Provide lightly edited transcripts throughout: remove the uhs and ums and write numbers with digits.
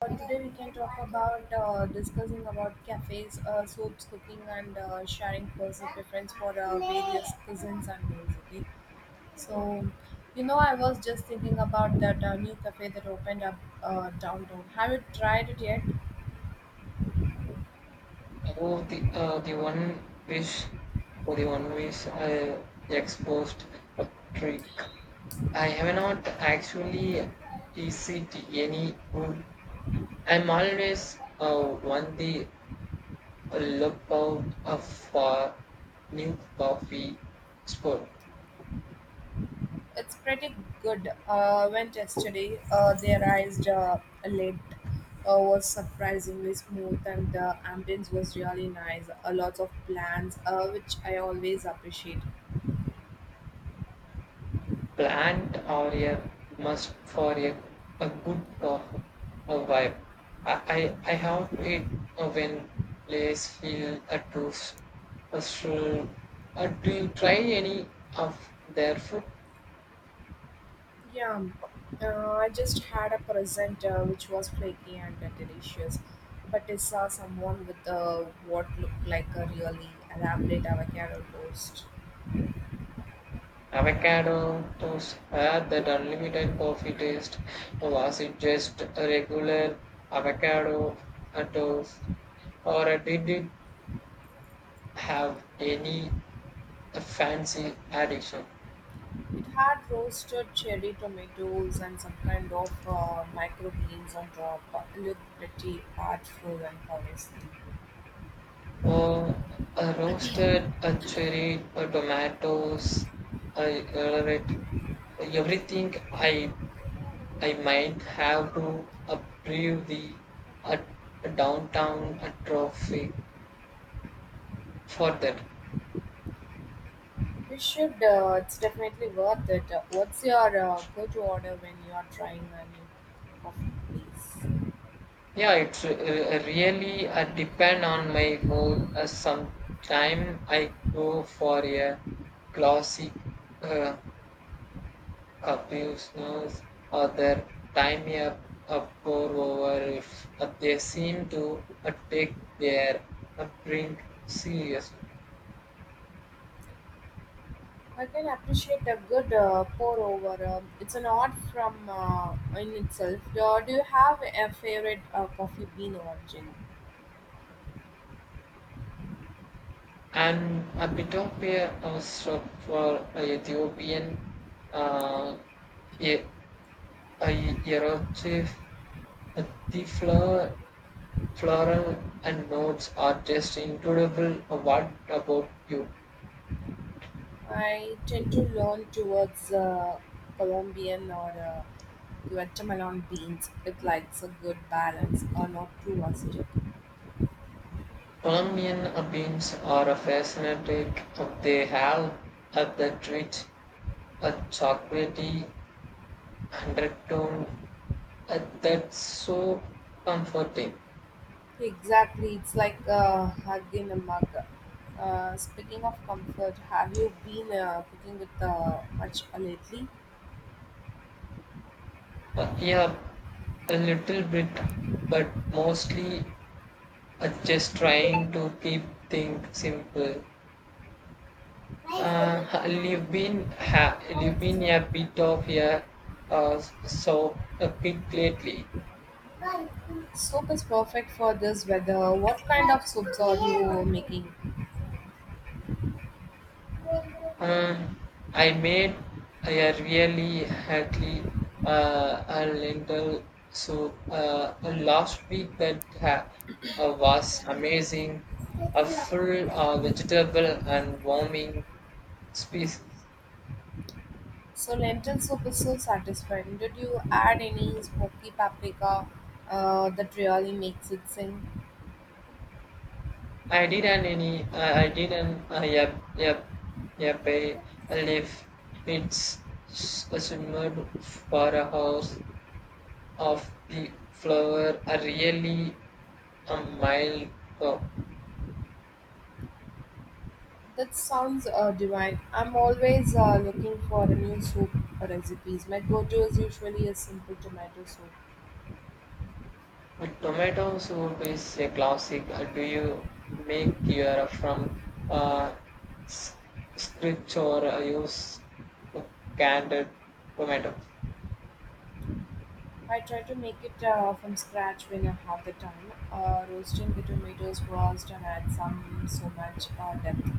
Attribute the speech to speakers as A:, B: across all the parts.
A: Today we can talk about discussing about cafes, soups, cooking, and sharing personal preference for various cuisines and meals. Okay, so I was just thinking about that new cafe that opened up downtown. Have you tried it yet?
B: Oh, the one wish, oh, the one wish I exposed a trick. I have not actually received any good. I'm always on the lookout of for new coffee spot.
A: It's pretty good. Went yesterday. They arrived late. Was surprisingly smooth, and the ambience was really nice. A lot of plants, which I always appreciate.
B: Plant or a must for a good coffee a vibe. I have it when place feel a truth. So, do you try any of their food?
A: Yeah, I just had a present which was flaky and delicious, but I saw someone with what looked like a really elaborate avocado toast.
B: Avocado toast had that unlimited coffee taste, or was it just a regular avocado toast, or did it have any fancy addition?
A: It had roasted cherry tomatoes and some kind of microgreens on top. It looked pretty artful and honest.
B: Or a roasted a cherry, a tomatoes, I tolerate everything. I might have to approve the uh, downtown trophy for that.
A: You should, it's definitely worth it. What's your go to order when you are trying a new coffee place?
B: Yeah, it's really depend on my mood. Sometime I go for a classic. Uh, Abusers or their time up, uproar over if they seem to take their upbringing seriously.
A: I can appreciate a good pour over. It's an art from in itself. Do you have a favorite coffee bean origin?
B: And a bit of a stop for Ethiopian uh, e- a eruptive, uh, the flower, floral and notes are just incredible. What about you?
A: I tend to lean towards Colombian or Guatemalan beans. It likes a good balance, or not too acidic.
B: Colombian beans are fascinating. They have that rich, chocolatey undertone that's so comforting.
A: Exactly, it's like a hug in a mug. Speaking of comfort, have you been cooking with much lately?
B: Yeah, a little bit, but mostly just trying to keep things simple. You've been ha- you've been a bit of a so a pig lately.
A: Soup is perfect for this weather. What kind of soups are you making?
B: Uh, I made a really healthy a lentil soup last week that was amazing, a full vegetable and warming species.
A: So lentil soup is so satisfying. Did you add any smoky paprika that really makes it sing?
B: I didn't any. I didn't. Yep. Yep. Yep. I live. It's simmered for a house of the flower. A really a mild. uh,
A: That sounds divine. I'm always looking for a new soup recipes. My go-to is usually a simple tomato soup.
B: A tomato soup is a classic. Do you make your from uh, s- scratch or use a canned tomato?
A: I try to make it from scratch when I have the time. Roasting the tomatoes first and add some so much depth.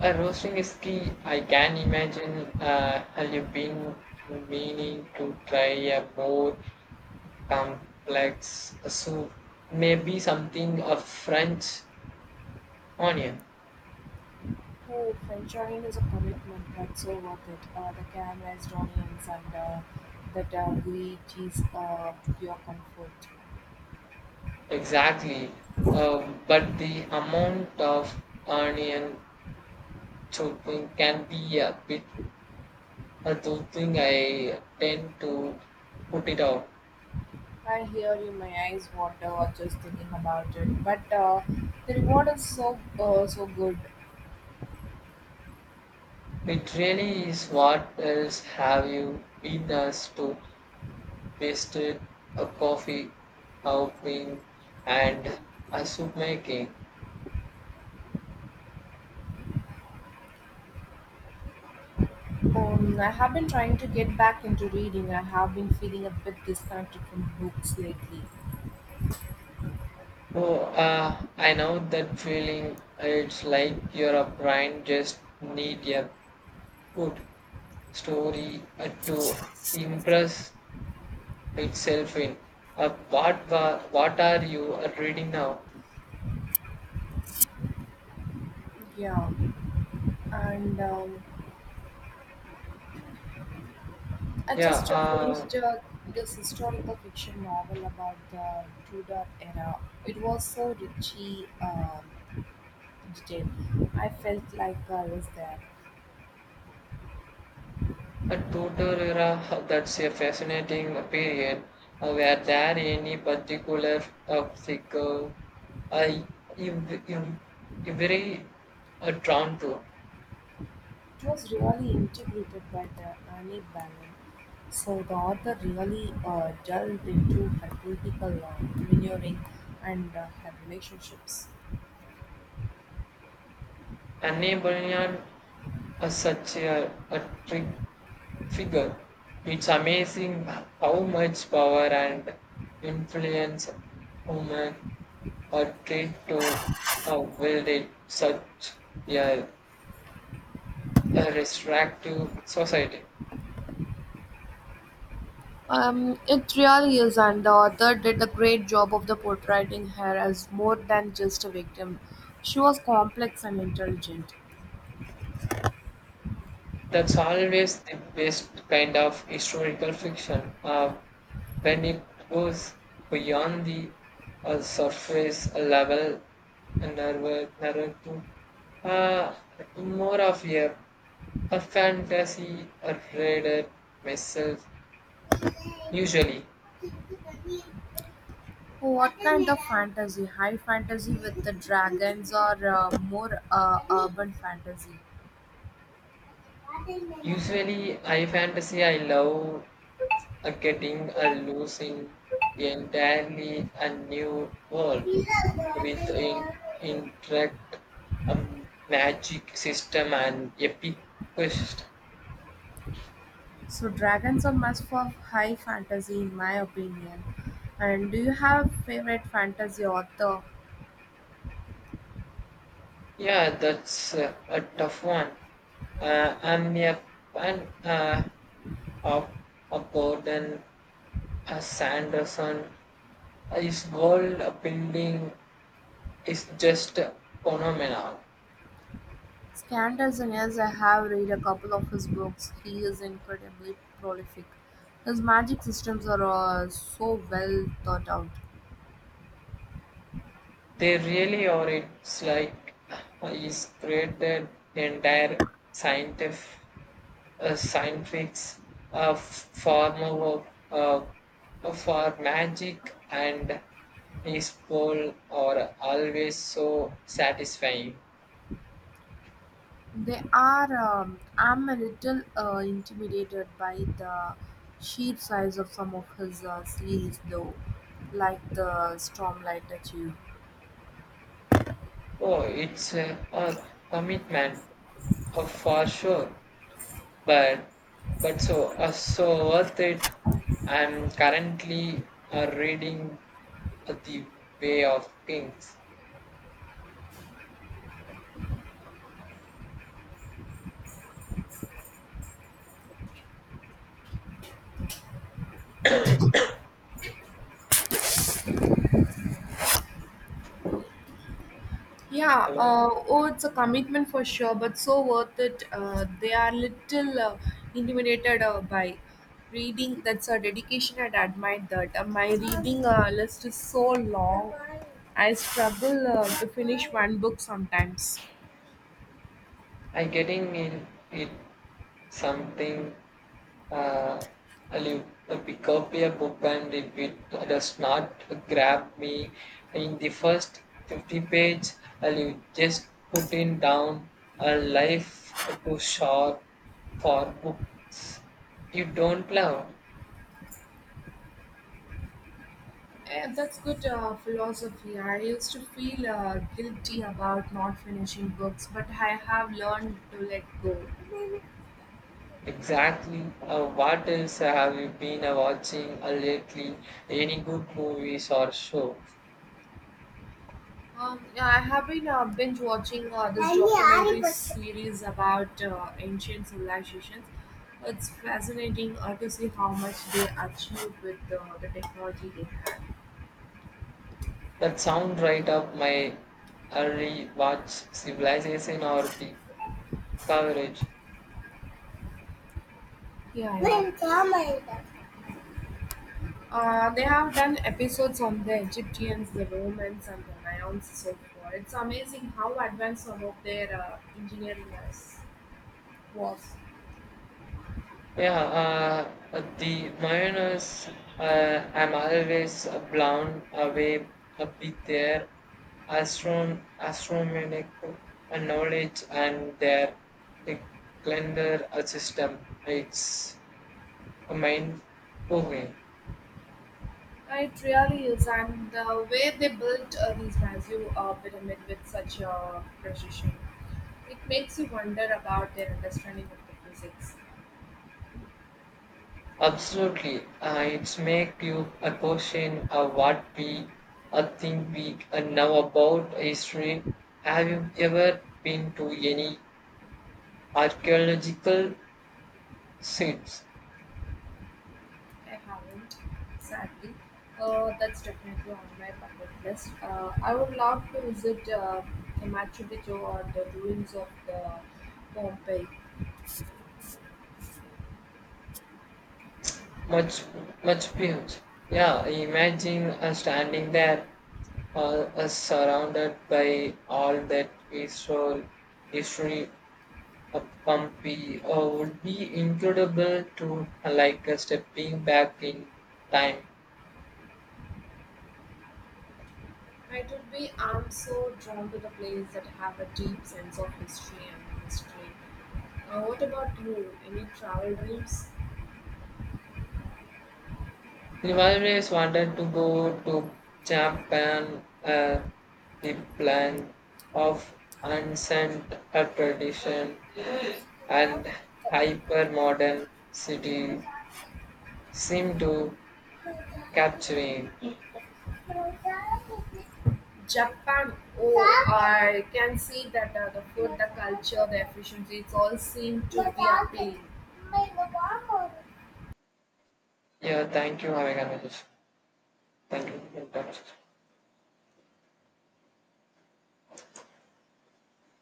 B: Roasting is key. I can imagine. Have you been meaning to try a more complex soup? Maybe something of French onion.
A: Hey, filtering is a commitment, but so worth it. The camera onions and that glitch is your comfort.
B: Exactly. But the amount of onion choking can be a bit a dull thing I tend to put it out.
A: I hear you, my eyes water just thinking about it. But the reward is so so good.
B: It really is what else have you been as to wasted a coffee outing and a soup making?
A: I have been trying to get back into reading. I have been feeling a bit disconnected from books lately.
B: Oh, I know that feeling. It's like your brain just need a good story to impress itself in. What are you reading now?
A: Yeah, and I
B: Yeah,
A: just finished this historical fiction novel about the Tudor era. It was so richly detailed. I felt like I was there.
B: a Tudor era, that's a fascinating period. Were there any particular figure uh, you, you, you very drawn to?
A: It was really integrated by the Annie Bannon. So the author really delved into her political maneuvering and her relationships.
B: Anne Boleyn is such a trick figure. It's amazing how much power and influence women are tried to wield in such a, a restrictive society.
A: It really is, and the author did a great job of the portraying her as more than just a victim. She was complex and intelligent.
B: That's always the best kind of historical fiction when it goes beyond the surface level narrative, uh, more of a fantasy a reader myself usually
A: What kind of fantasy? High fantasy with the dragons, or more urban fantasy?
B: usually I fantasy I love getting a loose in entirely a new world with in, interact magic system and epic quest.
A: So dragons are must for high fantasy in my opinion. And do you have favorite fantasy author?
B: Yeah, that's a tough one. I'm a fan of, of Gordon Sanderson. His world building is just phenomenal.
A: Scandals and yes, I have read a couple of his books. He is incredibly prolific. His magic systems are so well thought out.
B: They really are. It's like he's created entire scientific, scientific form of for magic, and his poll are always so satisfying.
A: They are. I'm a little intimidated by the sheer size of some of his series, though, like the Stormlight Achieve.
B: Oh, it's a commitment for sure. But so so worth it. I'm currently reading The Way of Kings.
A: Yeah,
B: Hello,
A: oh, it's a commitment for sure, but so worth it. They are little intimidated by reading. That's a dedication, and I admire that. My reading list is so long, I struggle to finish one book sometimes.
B: I getting in it something. Uh, I'll pick up a book and if it does not grab me in the first 50-page, I'll just put it down. A life too short for books you don't love.
A: Eh, that's good philosophy. I used to feel guilty about not finishing books, but I have learned to let go.
B: Exactly. What else have you been watching lately? Any good movies or show
A: Yeah, I have been binge watching this documentary series about ancient civilizations. It's fascinating to see how much they achieved with the technology they had.
B: that sound right up my early watch? Civilization or the coverage?
A: Yeah, yeah. They have done episodes on the Egyptians, the Romans, and the Mayans so far. It's amazing how advanced some of their engineering was.
B: Yeah, the Mayonnaise. I'm always blown away a bit there. Astronomical knowledge and their uh, calendar system. It's mind-boggling.
A: It really is, and the way they built these massive pyramid with such precision, it makes you wonder about their understanding of the physics.
B: Absolutely, it's make you a question of what we think we know about history. Have you ever been to any archaeological sites?
A: I haven't, sadly. That's definitely on my bucket list. I would love to visit the Machu Picchu or the ruins of the Pompeii.
B: Much, much huge. Yeah, imagine standing there, surrounded by all that history, Pumpy would be incredible to like stepping back in time.
A: It would be. I'm so drawn to the place that have a deep sense of history and mystery. What about you? Any travel dreams?
B: I always wanted to go to Japan, the land of ancient tradition and hyper modern city seem to capturing.
A: Japan, oh, I can see that the food, the culture, the efficiency, it's all seem to be appealing.
B: Yeah, thank you. Have a conversation. Thank you. Thank you.